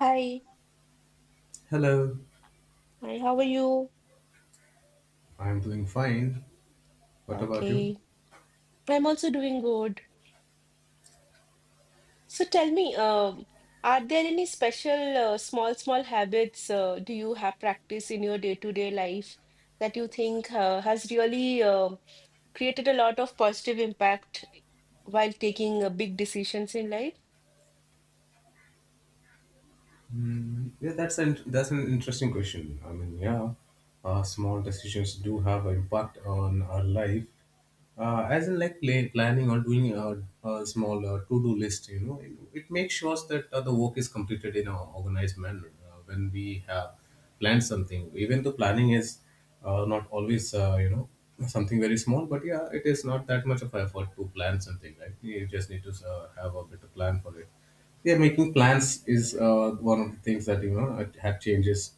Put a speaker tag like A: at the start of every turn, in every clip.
A: Hi,
B: Hello.
A: hi, how are you?
B: I'm doing fine. What about you?
A: Okay, I'm also doing good. So tell me, are there any special small habits do you have practice in your day-to-day life that you think has really created a lot of positive impact while taking big decisions in life?
B: Yeah, that's an interesting question. I mean, yeah, small decisions do have an impact on our life. As in, like planning or doing a small to-do list, you know, it makes sure that the work is completed in an organized manner. When we have planned something, even though planning is not always, something very small, but yeah, it is not that much of effort to plan something, right? You just need to have a better plan for it. Yeah, making plans is one of the things that have changes.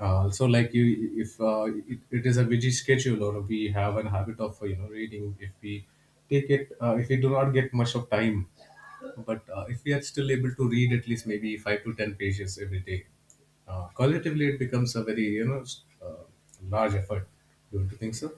B: Also, like, you, if it is a busy schedule, or we have an habit of, you know, reading. If we take it, if we do not get much of time, but if we are still able to read at least maybe 5 to 10 pages every day, collectively it becomes a very, you know, uh, large effort, don't you think so?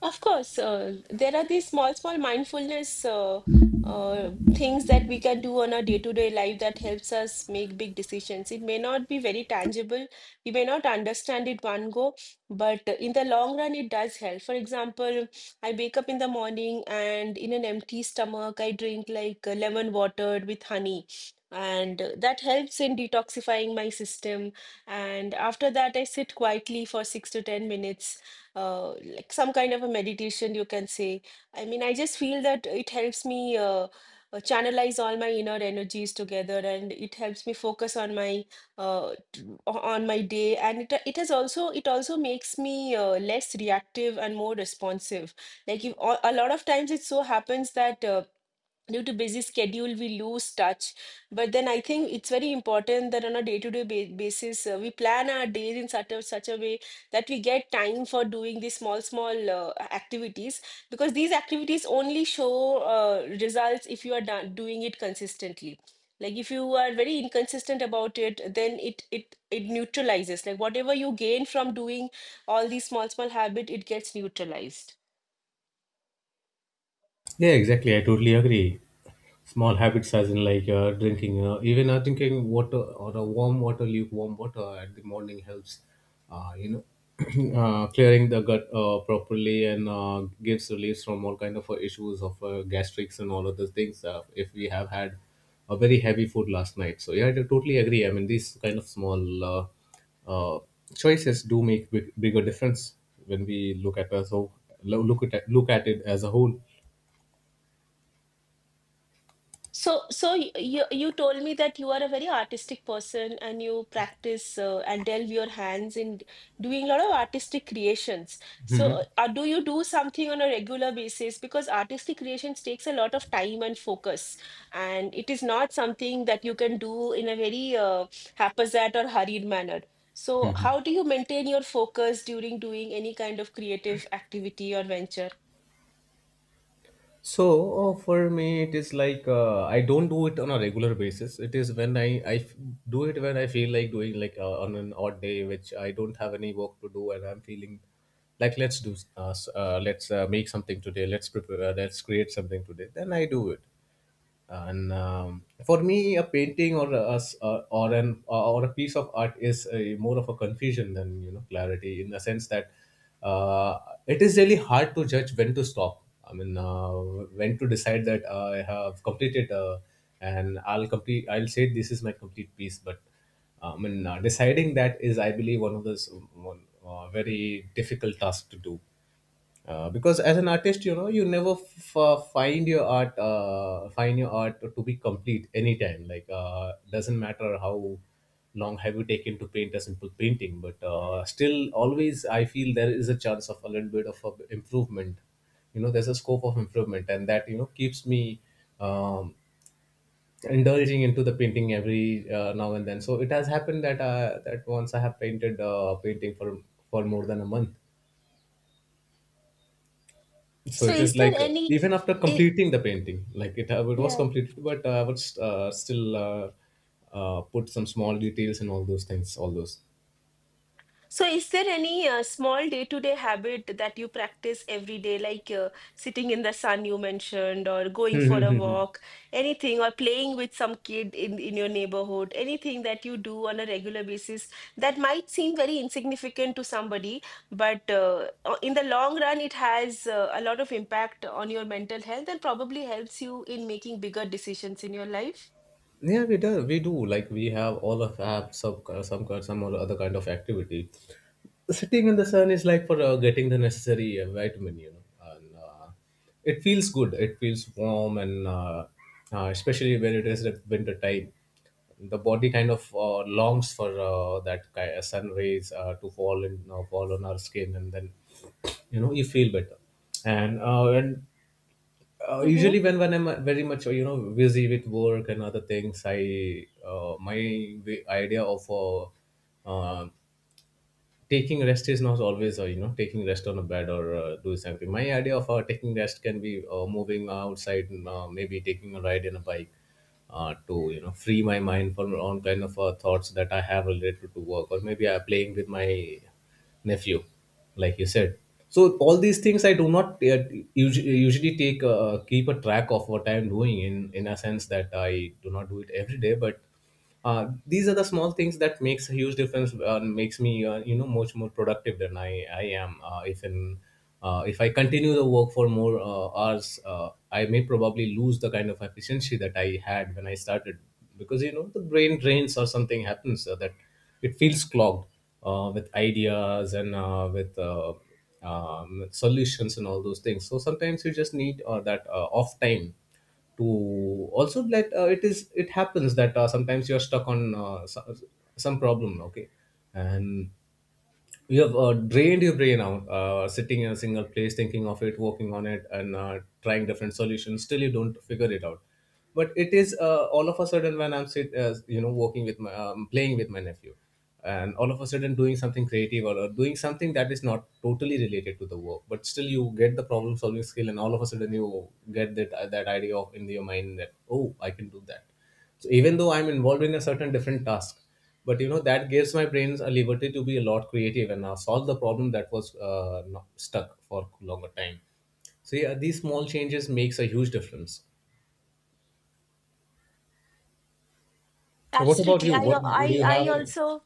A: Of course, there are these small mindfulness things that we can do on our day-to-day life that helps us make big decisions. It may not be very tangible. We may not understand it one go, but in the long run, it does help. For example, I wake up in the morning and in an empty stomach, I drink like lemon water with honey. And that helps in detoxifying my system. And after that, I sit quietly for six to 10 minutes like some kind of a meditation, you can say. I mean, I just feel that it helps me channelize all my inner energies together, and it helps me focus on my on my day. And it has also it also makes me less reactive and more responsive. Like if, a lot of times, it so happens that. Due to busy schedule we lose touch, but then I think it's very important that on a day-to-day basis we plan our days in such a way that we get time for doing these small activities, because these activities only show results if you are done, doing it consistently. Like if you are very inconsistent about it, then it neutralizes, like whatever you gain from doing all these small habit, it gets neutralized.
B: Yeah, exactly. I totally agree. Small habits, as in like drinking, even drinking water or a warm water, lukewarm water at the morning helps, uh, you know, clearing the gut properly and gives relief from all kind of issues of gastrics and all other things if we have had a very heavy food last night. So yeah, I totally agree. I mean, these kind of small uh, choices do make big, bigger difference when we look at as look at it as a whole.
A: So you told me that you are a very artistic person and you practice and delve your hands in doing a lot of artistic creations. So,
B: Mhm.
A: do you do something on a regular basis? Because artistic creations takes a lot of time and focus, and it is not something that you can do in a very haphazard or hurried manner. So, how do you maintain your focus during doing any kind of creative activity or venture?
B: So for me, it is like I don't do it on a regular basis. It is when I do it when I feel like doing, like, on an odd day, which I don't have any work to do, and I'm feeling like let's do let's make something today. Let's prepare. Let's create something today. Then I do it, and for me a painting or a s- or an or a piece of art is a more of a confusion than, you know, clarity, in the sense that uh, it is really hard to judge when to stop. I mean, when to decide that I have completed, and I'll complete I'll say this is my complete piece. But I mean, deciding that is, I believe, one of those very difficult tasks to do, because as an artist, you know, you never find your art to be complete anytime. Like, doesn't matter how long have you taken to paint a simple painting, but still, always, I feel there is a chance of a little bit of a improvement. You know, there's a scope of improvement, and that, you know, keeps me um, indulging into the painting every now and then. So it has happened that once I have painted a painting for more than a month. So
A: So,
B: it
A: is
B: is
A: there
B: like
A: any?
B: even after
A: i-
B: completing the painting, like it, it was
A: yeah.
B: completed, but I would st- still put some small details and all those things, all those.
A: So, is there any small day-to-day habit that you practice every day, like sitting in the sun you mentioned, or going for a
B: Yeah,
A: walk, anything, or playing with some kid in your neighborhood, anything that you do on a regular basis that might seem very insignificant to somebody, but in the long run, it has a lot of impact on your mental health and probably helps you in making bigger decisions in your life?
B: we do. We do. Like, we have all of have some some or other kind of activity. Sitting in the sun is like for getting the necessary vitamin, you know, and it feels good, it feels warm, and especially when it is the winter time, the body kind of longs for that ki sun rays to fall on our skin, and then, you know, you feel better. And
A: Mm-hmm.
B: usually, when I'm very much, busy with work and other things, I my idea of uh, taking rest is not always, taking rest on a bed or do something. My idea of taking rest can be moving outside and, maybe taking a ride in a bike to, you know, free my mind from all kind of thoughts that I have related to work, or maybe I'm playing with my nephew, like you said. So all these things I do not usually take keep a track of what I am doing, in a sense that I do not do it every day. But these are the small things that makes a huge difference, makes me, much more productive than I am, if I continue the work for more hours. I may probably lose the kind of efficiency that I had when I started, because, you know, the brain drains or something happens, that it feels clogged with ideas and with solutions and all those things. So sometimes you just need that off time to. Also, that it is, it happens that sometimes you are stuck on some problem, okay, and you have drained your brain out, sitting in a single place, thinking of it, working on it, and trying different solutions, still you don't figure it out. But it is all of a sudden when I'm sit, you know working with my playing with my nephew, and all of a sudden doing something creative, or doing something that is not totally related to the work, but still you get the problem solving skill, and all of a sudden you get that that idea of in your mind that, oh, I can do that. So even though I'm involved in a certain different task, but you know, that gives my brains a liberty to be a lot creative and solve the problem that was not stuck for longer time. So yeah, these small changes makes a huge difference. What about
A: Absolutely.
B: you?
A: I,
B: What would
A: I,
B: you have
A: I
B: an
A: also.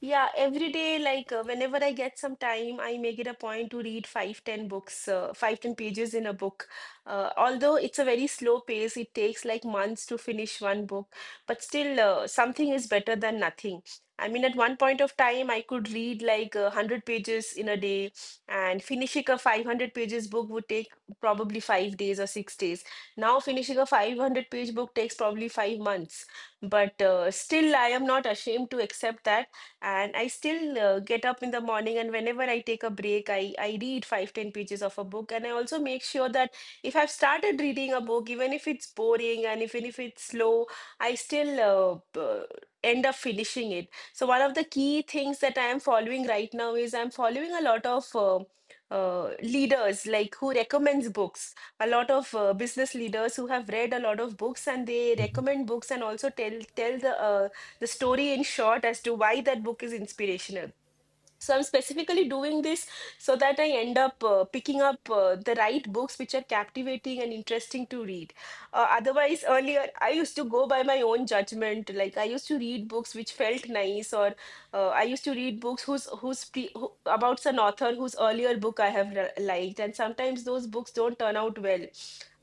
A: Yeah, every day, like whenever I get some time, I make it a point to read five, ten books, five, ten pages in a book. Although it's a very slow pace, it takes like months to finish one book, but still, something is better than nothing. I mean, at one point of time, I could read like a hundred pages in a day, and finishing a 500 pages book would take probably 5 days or 6 days. Now, finishing a 500 page book takes probably 5 months, but still I am not ashamed to accept that, and I still get up in the morning, and whenever I take a break, I read 5 ten pages of a book. And I also make sure that if I've started reading a book, even if it's boring and even if it's slow, I still end up finishing it. So one of the key things that I am following right now is I'm following a lot of leaders like who recommends books, a lot of business leaders who have read a lot of books and they recommend books and also tell the story in short as to why that book is inspirational. So I'm specifically doing this so that I end up picking up the right books which are captivating and interesting to read. Otherwise earlier I used to go by my own judgment. Like I used to read books which felt nice, or I used to read books about an author whose earlier book I have liked, and sometimes those books don't turn out well,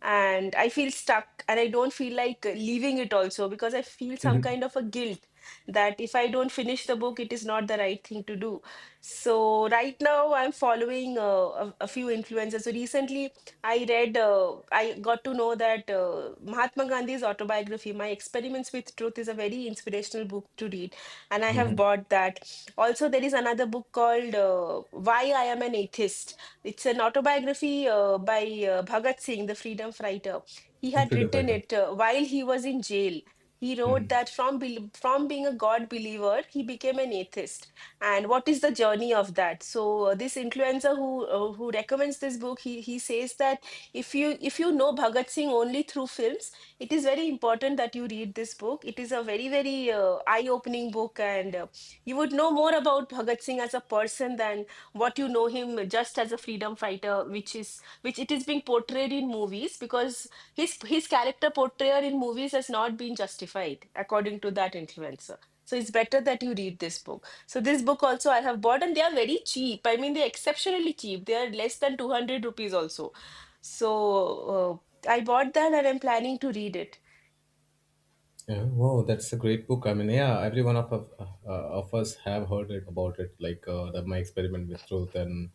A: and I feel stuck, and I don't feel like leaving it also because I feel some kind of a guilt that if I don't finish the book, it is not the right thing to do. So right now I'm following a few influencers. So recently I read, I got to know that Mahatma Gandhi's autobiography, My Experiments with Truth, is a very inspirational book to read, and I have
B: mm-hmm.
A: bought that. Also, there is another book called Why I Am an Atheist. It's an autobiography by Bhagat Singh, the freedom fighter. He had
B: Freedom
A: written
B: fighter?
A: it while he was in jail. He wrote that from from being a God believer, he became an atheist, and what is the journey of that. So this influencer who recommends this book, he says that if you, if you know Bhagat Singh only through films, it is very important that you read this book. It is a very very eye opening book, and you would know more about Bhagat Singh as a person than what you know him just as a freedom fighter, which is which it is being portrayed in movies, because his character portrayal in movies has not been justified according to that influencer. So it's better that you read this book. So this book also I have bought, and they are very cheap. I mean, they're exceptionally cheap. They are less than 200 rupees also. So I bought that, and I'm planning to read it.
B: Yeah, wow, that's a great book. I mean, yeah, every one of of us have heard it, about it, like my experiment with truth, and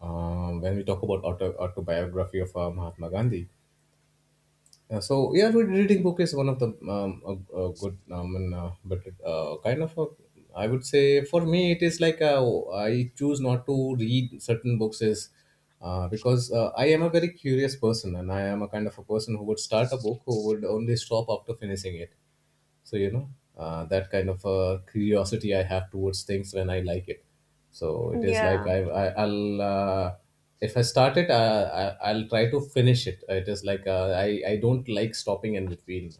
B: when we talk about autobiography of Mahatma Gandhi. Yeah, so yeah, reading book is one of the a good and, but kind of I would say for me it is like I choose not to read certain books is because I am a very curious person, and I am a kind of a person who would start a book, who would only stop after finishing it. So you know, that kind of curiosity I have towards things when I like it. So it is like
A: Yeah.
B: I I'll if I start it, I'll try to finish it. It is like I don't like stopping in between.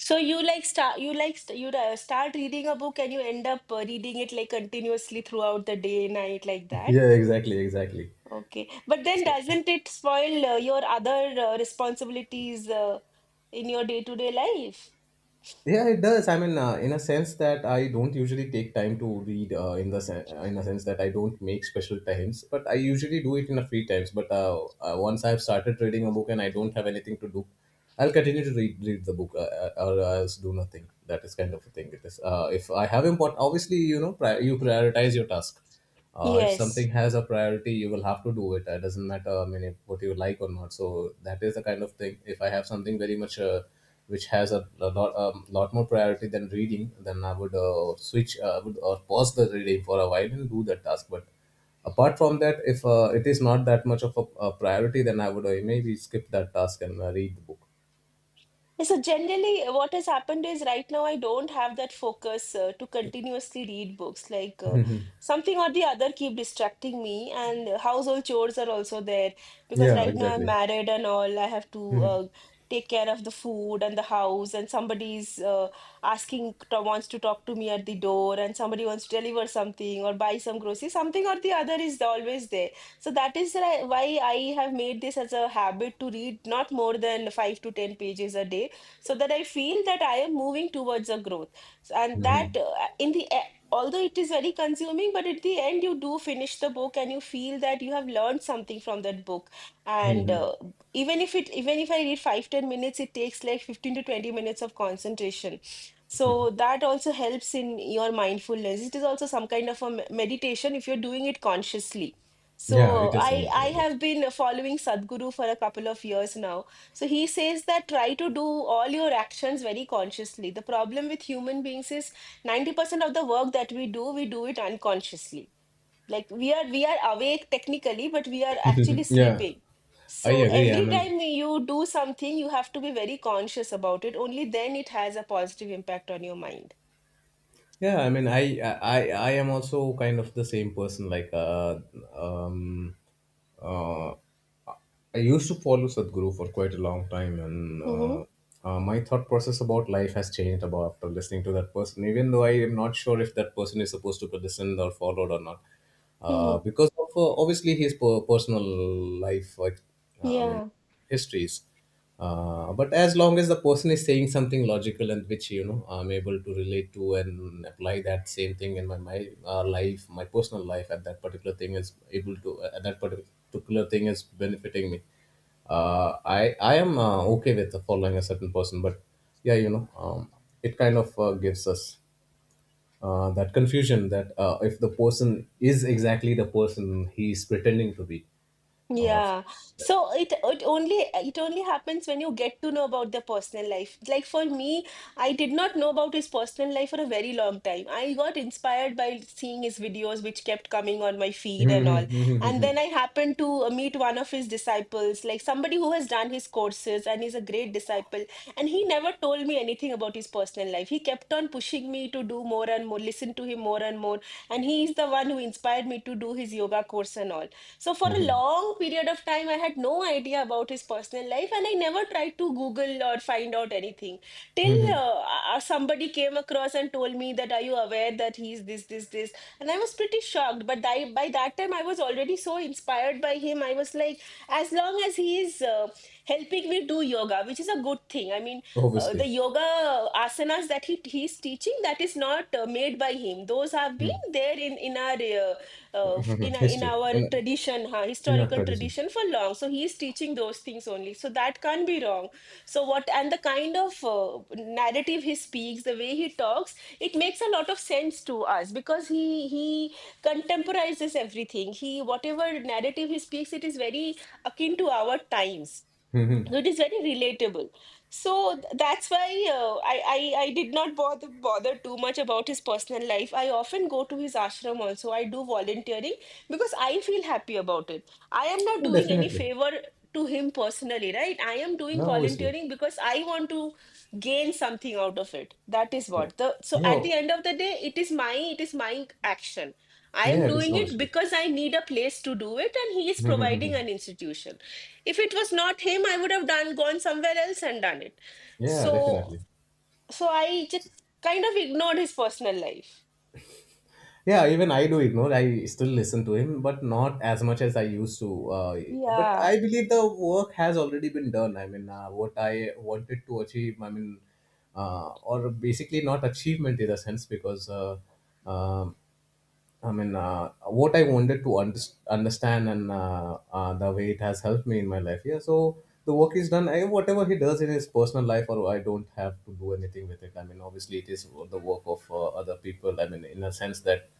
A: So you like start, you like st you start reading a book and you end up reading it like continuously throughout the day, night, like that.
B: Yeah, exactly, exactly.
A: Okay. But then
B: So,
A: doesn't it spoil your other responsibilities in your day-to-day life?
B: yeah, it does. I mean, in a sense that I don't usually take time to read. In the in a sense that I don't make special times, but I usually do it in a free times. But once I've started reading a book and I don't have anything to do, I'll continue to read the book, or else do nothing. That is kind of a thing. It is. If I have important, obviously, you know, you prioritize your task. If something
A: Yes.
B: has a priority, you will have to do it. It doesn't matter, I mean, if, what you like or not. So that is the kind of thing. If I have something very much which has a lot, lot more priority than reading, then I would switch I would pause the reading for a while and do that task. But apart from that, if it is not that much of a priority, then I would maybe skip that task and read the book.
A: Yeah, so generally, what has happened is right now I don't have that focus to continuously read books. Like something or the other keep distracting me, and household chores are also there because
B: Yeah,
A: right now I'm
B: exactly.
A: married and all. I have to uh, take care of the food and the house, and somebody's asking to, wants to talk to me at the door, and somebody wants to deliver something or buy some groceries. Something or the other is always there. So that is why I have made this as a habit to read not more than five to ten pages a day, so that I feel that I am moving towards a growth. So, and that in the although it is very consuming, but at the end you do finish the book and you feel that you have learned something from that book. And even if it, even if I read 5 ten minutes, it takes like 15 to 20 minutes of concentration. So that also helps in your mindfulness. It is also some kind of a meditation if you're doing it consciously. So
B: Yeah, it is
A: i
B: kind of
A: i
B: knowledge.
A: have been following Sadhguru for a couple of years now. So he says that try to do all your actions very consciously. The problem with human beings is 90% of the work that we do it unconsciously. Like we are awake technically, but we are actually
B: Yeah,
A: sleeping.
B: I
A: So
B: agree. I
A: every
B: mean,
A: time you do something, you have to be very conscious about it. Only then it has a positive impact on your mind.
B: yeah, I mean, I I am also kind of the same person. Like, um, uh, I used to follow Sadhguru for quite a long time, and
A: Mm-hmm.
B: my thought process about life has changed about after listening to that person. Even though I am not sure if that person is supposed to be listened or followed or not,
A: Mm-hmm.
B: because of obviously his personal life, like, uh, I mean,
A: Yeah.
B: histories, but as long as the person is saying something logical and which I'm able to relate to and apply that same thing in my life, my personal life, at that particular thing is benefiting me, uh, i I am okay with following a certain person, but yeah, it kind of gives us that confusion, that if the person is exactly the person he's pretending to be, or.
A: Yeah. So it only, it only happens when you get to know about their personal life. Like for me, I did not know about his personal life for a very long time. I got inspired by seeing his videos which kept coming on my feed and all. And then I happened to meet one of his disciples, like somebody who has done his courses and is a great disciple. And he never told me anything about his personal life. He kept on pushing me to do more and more, listen to him more and more. And he is the one who inspired me to do his yoga course and all. So for a long period of time, I had no idea about his personal life, and I never tried to Google or find out anything till
B: Mhm.
A: somebody came across and told me that are you aware that he's this, this, this, and I was pretty shocked. But I, by that time, I was already so inspired by him. I was like, as long as he is helping me do yoga, which is a good thing. I mean, the
B: Obviously.
A: yoga asanas that he's teaching that is not made by him. Those have been there in our uh, in
B: Mm,
A: our, in
B: history.
A: our
B: in
A: tradition, huh,
B: In our
A: historical
B: tradition.
A: tradition for long. So he is teaching those things only. So that can't be wrong. So what and the kind of narrative he speaks, the way he talks, it makes a lot of sense to us because he contemporizes everything. He whatever narrative he speaks, it is very akin to our times, so it is very relatable. So that's why I did not bother too much about his personal life. I often go to his ashram also. I do volunteering because I feel happy about it. I am not
B: No,
A: doing any
B: definitely.
A: favor to him personally, right? I am doing
B: No, obviously.
A: volunteering because I want to gain something out of it. That is
B: No.
A: what the so at
B: Yeah,
A: the end of the day, it is my action. I
B: yeah,
A: am
B: it's
A: doing it
B: obviously.
A: because I need a place to do it, and he is providing an institution. If it was not him, I would have done gone somewhere else and done it.
B: Yeah,
A: So,
B: definitely.
A: so I just kind of ignored his personal life.
B: Yeah, even I do it. No, I still listen to him, but not as much as I used to. But
A: Yeah.
B: I believe the work has already been done. I mean, what I wanted to achieve. I mean, or basically not achievement in a sense, because. Um I mean, what I wanted to understand, and the way it has helped me in my life. Yeah, so the work is done. I, whatever he does in his personal life, or I don't have to do anything with it. I mean, obviously, it is the work of other people. I mean, in a sense that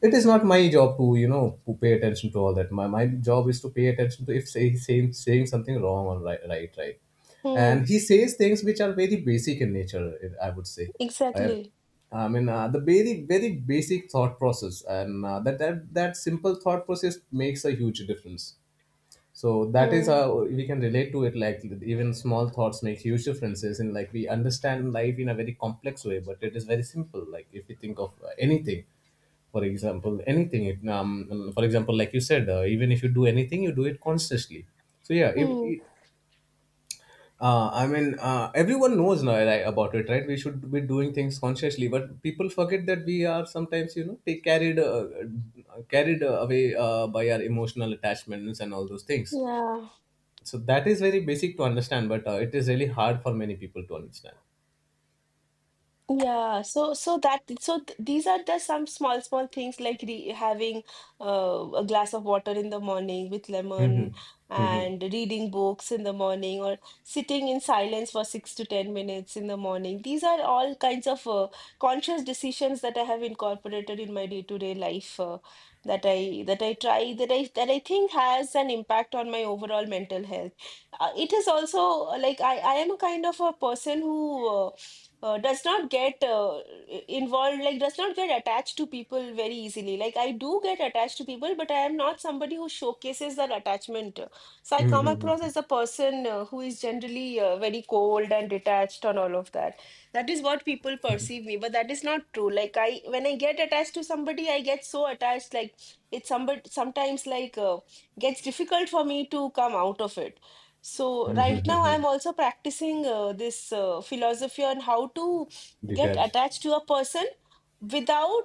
B: it is not my job to to pay attention to all that. My job is to pay attention to, if say, he's saying something wrong or
A: Hmm.
B: And he says things which are very basic in nature. I would say, i
A: Exactly.
B: I mean, the very basic thought process, and that simple thought process makes a huge difference. So that is
A: Hmm.
B: how we can relate to it. Like, even small thoughts make huge differences. In, like, we understand life in a very complex way, but it is very simple. Like, if we think of anything, for example, anything, for example, like you said, even if you do anything, you do it consciously. So yeah.
A: Hmm.
B: Everyone knows now, right, about it, right? We should be doing things consciously, but people forget that we are sometimes, take carried, carried away by our emotional attachments and all those things.
A: Yeah.
B: So that is very basic to understand, but it is really hard for many people to understand.
A: Yeah, so so that so th these are just some small things like re having a glass of water in the morning with lemon and reading books in the morning or sitting in silence for 6 to 10 minutes in the morning. These are all kinds of conscious decisions that I have incorporated in my day-to-day life that I try that I think has an impact on my overall mental health. It is also like I am a kind of a person who uh, does not get involved, like does not get attached to people very easily. Like I do get attached to people, but I am not somebody who showcases that attachment. So I come across as a person who is generally very cold and detached on all of that. That is what people perceive me, but that is not true. Like I, when I get attached to somebody, I get so attached, like it's somebody sometimes like gets difficult for me to come out of it. So right now I'm also practicing this philosophy on how to get
B: Detach.
A: attached to a person without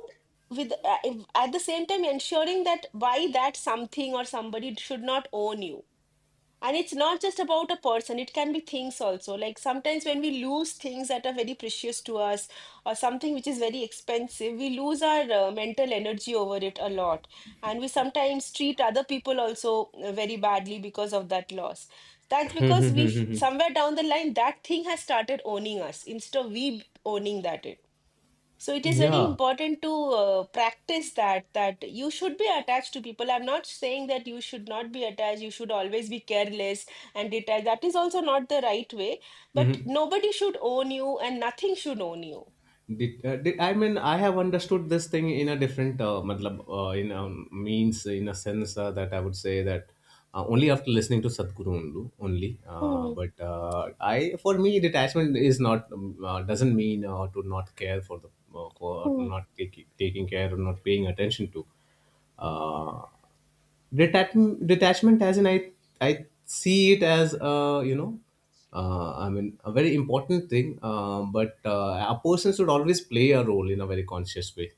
A: with at the same time ensuring that why that something or somebody should not own you, and it's not just about a person, it can be things also. Like sometimes when we lose things that are very precious to us or something which is very expensive, we lose our mental energy over it a lot. And we sometimes treat other people also very badly because of that loss. That's because we,
B: Hmm.
A: somewhere down the line, that thing has started owning us instead of we owning that. So it is very
B: Yeah.
A: important to practice that that you should be attached to people. I'm not saying that you should not be attached. You should always be careless and detached. That is also not the right way. But
B: Hmm.
A: nobody should own you, and nothing should own you.
B: I mean, I have understood this thing in a different, matlab, in a means, in a sense, that I would say that only after listening to Sadhguru, only. Uh,
A: Hmm,
B: but uh, for me, detachment is not, doesn't mean to not care for the, for
A: hmm,
B: not taking care or not paying attention to. Uh, detachment as in, I see it as a, I mean, a very important thing, but a person should always play a role in a very conscious way.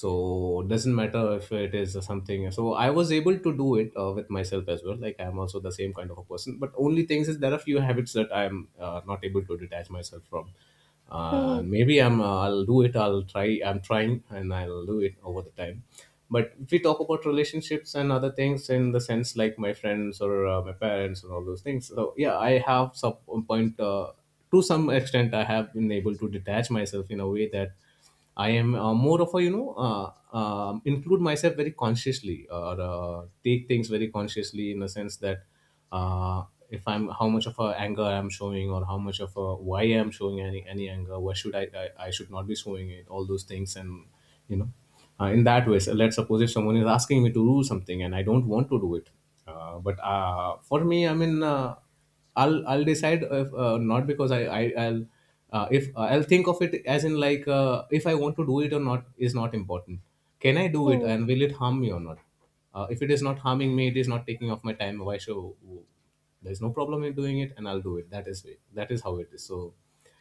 B: So doesn't matter if it is something. So I was able to do it with myself as well. Like, I'm also the same kind of a person, but only things is there are few habits that I'm not able to detach myself from. uh,
A: hmm,
B: and maybe I'm, I'll do it, I'll try, I'm trying, and I'll do it over the time. But if we talk about relationships and other things, in the sense, like my friends or my parents and all those things. So yeah, I have some point, to some extent I have been able to detach myself in a way that I am more of a, include myself very consciously, or take things very consciously, in the sense that uh, if I'm, how much of a anger I'm showing, or how much of a, why I'm showing any anger, why should I should not be showing it? All those things and you know. In that way. So let's suppose if someone is asking me to do something and I don't want to do it, but for me, I mean, I'll decide if, not because I I'll if I'll think of it as in, like, if I want to do it or not is not important. Can I do it,
A: hmm,
B: and will it harm me or not? If it is not harming me, it is not taking off my time. Why should There's no problem in doing it, and I'll do it. That is it. That is how it is. So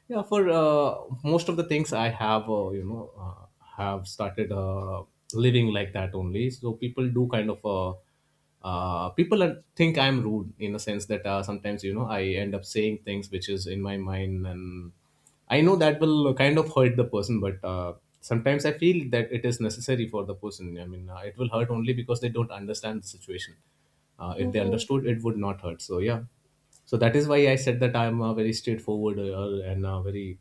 B: yeah, for most of the things, I have you know have started living like that only. So people do kind of. People think I'm rude, in the sense that sometimes, I end up saying things which is in my mind, and I know that will kind of hurt the person, but sometimes I feel that it is necessary for the person. I mean, it will hurt only because they don't understand the situation. If they
A: hmm.
B: understood, it would not hurt. So yeah, so that is why I said that I'm a very straightforward and a very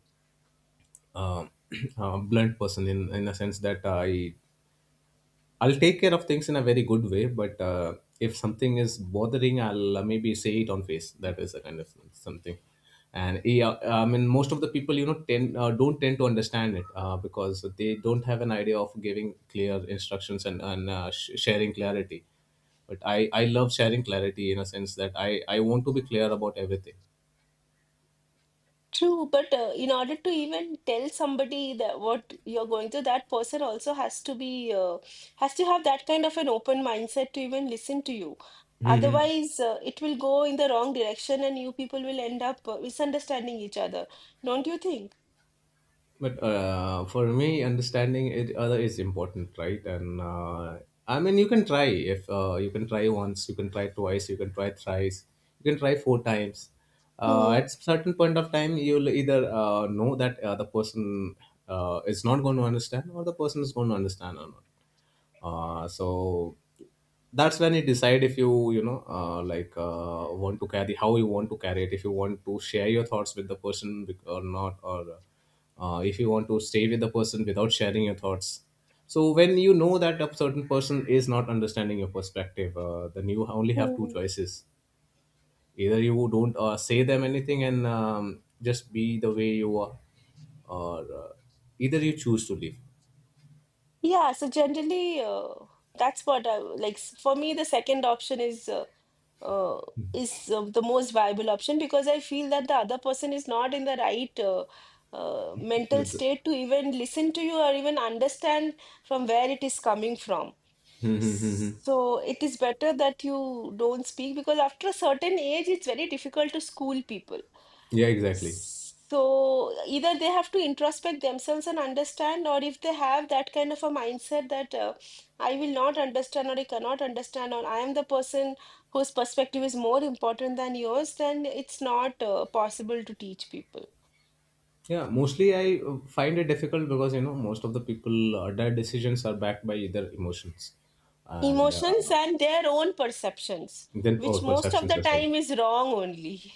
B: uh, blunt person, in a sense that I'll take care of things in a very good way, but if something is bothering, I'll maybe say it on face. That is a kind of something. And yeah, I mean, most of the people, tend don't tend to understand it, because they don't have an idea of giving clear instructions and sharing clarity. But I love sharing clarity, in a sense that I want to be clear about everything.
A: True, but in order to even tell somebody that what you're going through, that person also has to be has to have that kind of an open mindset to even listen to you. Otherwise, it will go in the wrong direction, and you people will end up misunderstanding each other. Don't you think?
B: But for me, understanding it other is important, right? And I mean, you can try. If you can try once, you can try twice, you can try thrice, you can try four times. Uh,
A: Hmm.
B: at certain point of time, you'll either know that the person is not going to understand, or the person is going to understand or not. So that's when you decide if you you know like want to carry, how you want to carry it, if you want to share your thoughts with the person, or not, or if you want to stay with the person without sharing your thoughts. So when you know that a certain person is not understanding your perspective, then you only have two
A: Hmm.
B: choices. Either you don't say them anything and just be the way you are, or either you choose to leave.
A: Yeah. So generally, that's what I like. For me, the second option is. Uh, is the most viable option because I feel that the other person is not in the right mental state to even listen to you or even understand from where it is coming from.
B: Hmm, hmm, hmm, hmm.
A: So it is better that you don't speak because after a certain age, it's very difficult to school people.
B: Yeah, exactly.
A: So either they have to introspect themselves and understand, or if they have that kind of a mindset that I will not understand, or I cannot understand, or I am the person whose perspective is more important than yours, then it's not possible to teach people.
B: Yeah, mostly I find it difficult, because most of the people, their decisions are backed by either emotions, and
A: Emotions and their own perceptions,
B: then,
A: which
B: or
A: most of
B: perceptions
A: the
B: as well.
A: time is wrong only.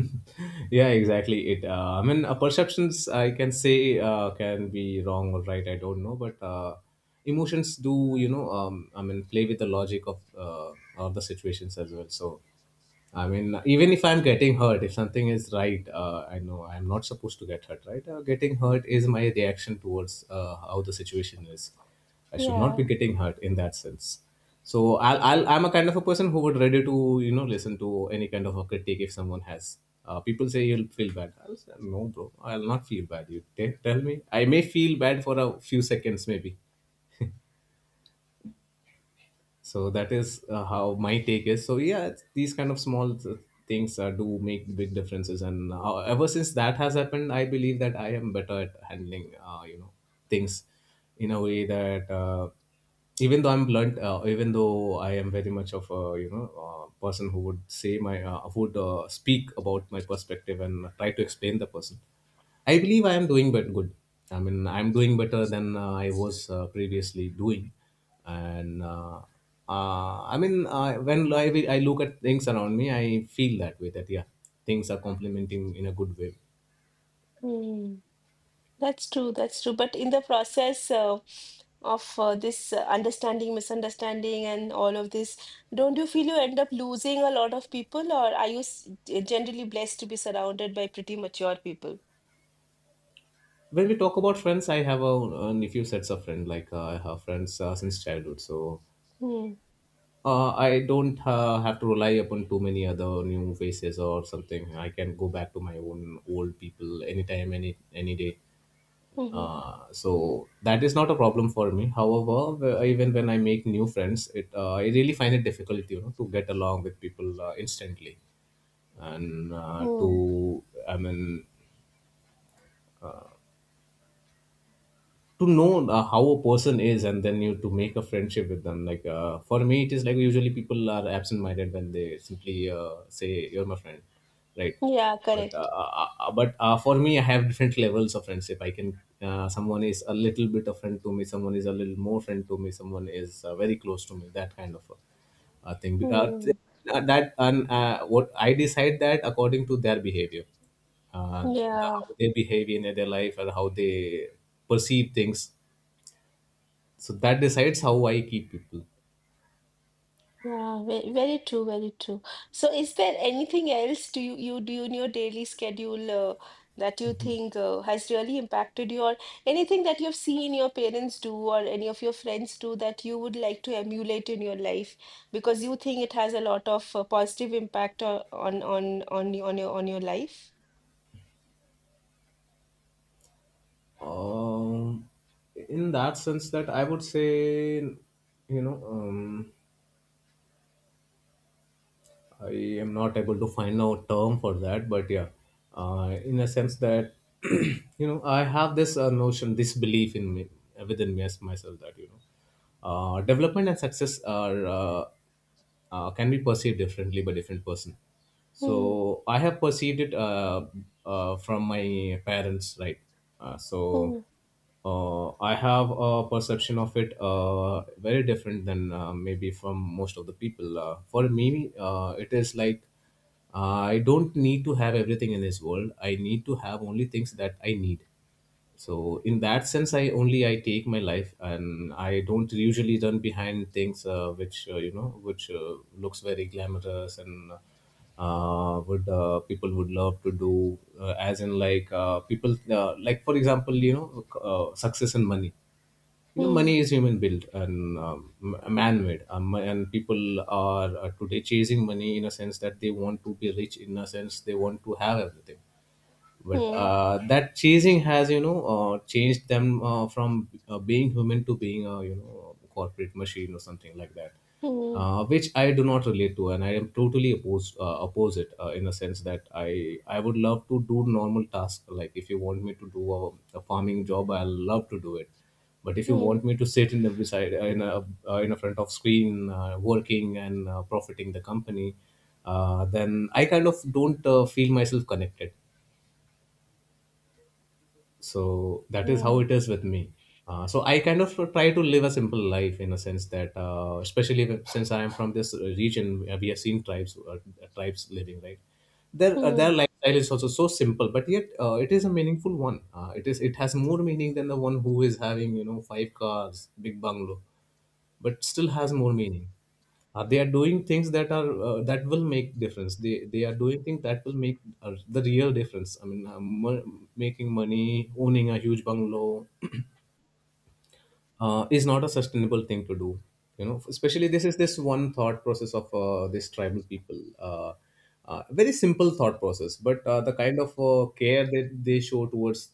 B: Yeah, exactly. It. I mean, perceptions I can say can be wrong or right. I don't know, but emotions do, you know? I mean, play with the logic of the situations as well. So. I mean, even if I'm getting hurt, if something is right, I know I'm not supposed to get hurt, right? Getting hurt is my reaction towards how the situation is. I should not be getting hurt in that sense. So I'm a kind of a person who would ready to, you know, listen to any kind of a critique if someone has. People say you'll feel bad. I'll say, no, bro, I'll not feel bad. You tell me. I may feel bad for a few seconds, maybe. So that is how my take is. So yeah, these kind of small things do make big differences. And ever since that has happened, I believe that I am better at handling, things in a way that, even though I'm blunt, even though I am very much of a, person who would say my, who would speak about my perspective and try to explain the person. I believe I am doing but good. I mean, I'm doing better than I was previously doing and I mean when I look at things around me, I feel that way that yeah, things are complementing in a good way.
A: Yeah. That's true, that's true. But in the process of this understanding, misunderstanding, and all of this, don't you feel you end up losing a lot of people, or are you generally blessed to be surrounded by pretty mature people?
B: When we talk about friends, I have a few sets of friends, like I have friends since childhood, so
A: Hmm.
B: I don't have to rely upon too many other new faces or something. I can go back to my own old people anytime, any day.
A: Mm-hmm.
B: So that is not a problem for me. However, even when I make new friends, it I really find it difficult, you know, to get along with people instantly, and to
A: Hmm.
B: I mean to know how a person is and then you to make a friendship with them. Like for me, it is like usually people are absent minded when they simply say you're my friend, right?
A: Yeah,
B: but uh,
A: correct.
B: uh, uh, uh, but uh, for me, I have different levels of friendship. I can, someone is a little bit of friend to me, someone is a little more friend to me, someone is very close to me, that kind of uh, thing uh,
A: Hmm.
B: th- that. And what I decide that according to their behavior, uh, the, how
A: Yeah.
B: they behave in their life and how they perceive things. So that decides how I keep people.
A: Yeah, very, very true, very true. So is there anything else do you do in your daily schedule that you think has really impacted you or anything that you've seen your parents do or any of your friends do that you would like to emulate in your life because you think it has a lot of positive impact on your life?
B: Um, in that sense, that I would say, you know, I am not able to find a term for that, but yeah, in a sense that you know, I have this notion, this belief in me, within me as myself, that you know, development and success are can be perceived differently by different person.
A: Hmm,
B: So I have perceived it from my parents, right? So.
A: hmm,
B: I have a perception of it very different than maybe from most of the people. For me, it is like I don't need to have everything in this world. I need to have only things that I need. So in that sense, I take my life, and I don't usually run behind things which you know, which looks very glamorous and would people would love to do, as in like people like, for example, you know, success and money. You know,
A: hmm,
B: money is human built and man made, and people are today chasing money, in a sense that they want to be rich, in a sense they want to have everything. But
A: hmm,
B: that chasing has, you know, changed them from being human to being a, you know, corporate machine or something like that,
A: hmm,
B: which I do not relate to. And I am totally oppose it, in a sense that I would love to do normal tasks. Like if you want me to do a farming job, I'll love to do it. But if you want
A: hmm,
B: me to sit in the beside, in a front of screen, working and profiting the company, then I kind of don't feel myself connected. So that is how it
A: yeah,
B: is with me. So I kind of try to live a simple life, in a sense that especially since I am from this region, we have seen tribes, tribes living, right? Their
A: hmm,
B: their lifestyle is also so simple, but yet it is a meaningful one. Uh, it is it has more meaning than the one who is having, you know, five cars, big bungalow, but still has more meaning. They are doing things that are that will make difference. They are doing things that will make the real difference. I mean, making money, owning a huge bungalow is not a sustainable thing to do. You know, especially this is this one thought process of this tribal people, very simple thought process. But the kind of care that they show towards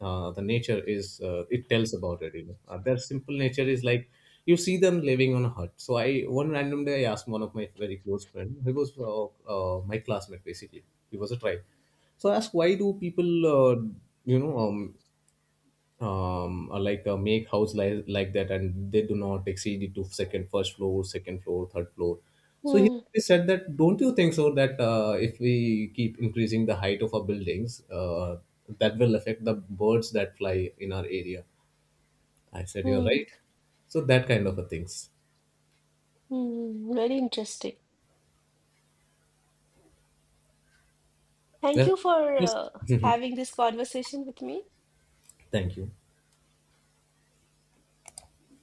B: the nature is it tells about it, you know. Their simple nature is like you see them living on a hut. So I, one random day, I asked one of my very close friend. He was my classmate basically. He was a tribe. So I asked, why do people you know, like make house like that and they do not exceed it to second, first floor, second floor, third floor? So he
A: hmm,
B: he said that, don't you think so that if we keep increasing the height of our buildings, that will affect the birds that fly in our area? I said, you're
A: hmm,
B: right. So that kind of a things.
A: hmm. Very interesting. Thank
B: Yeah.
A: you for
B: Yes.
A: having this conversation with me.
B: Thank you.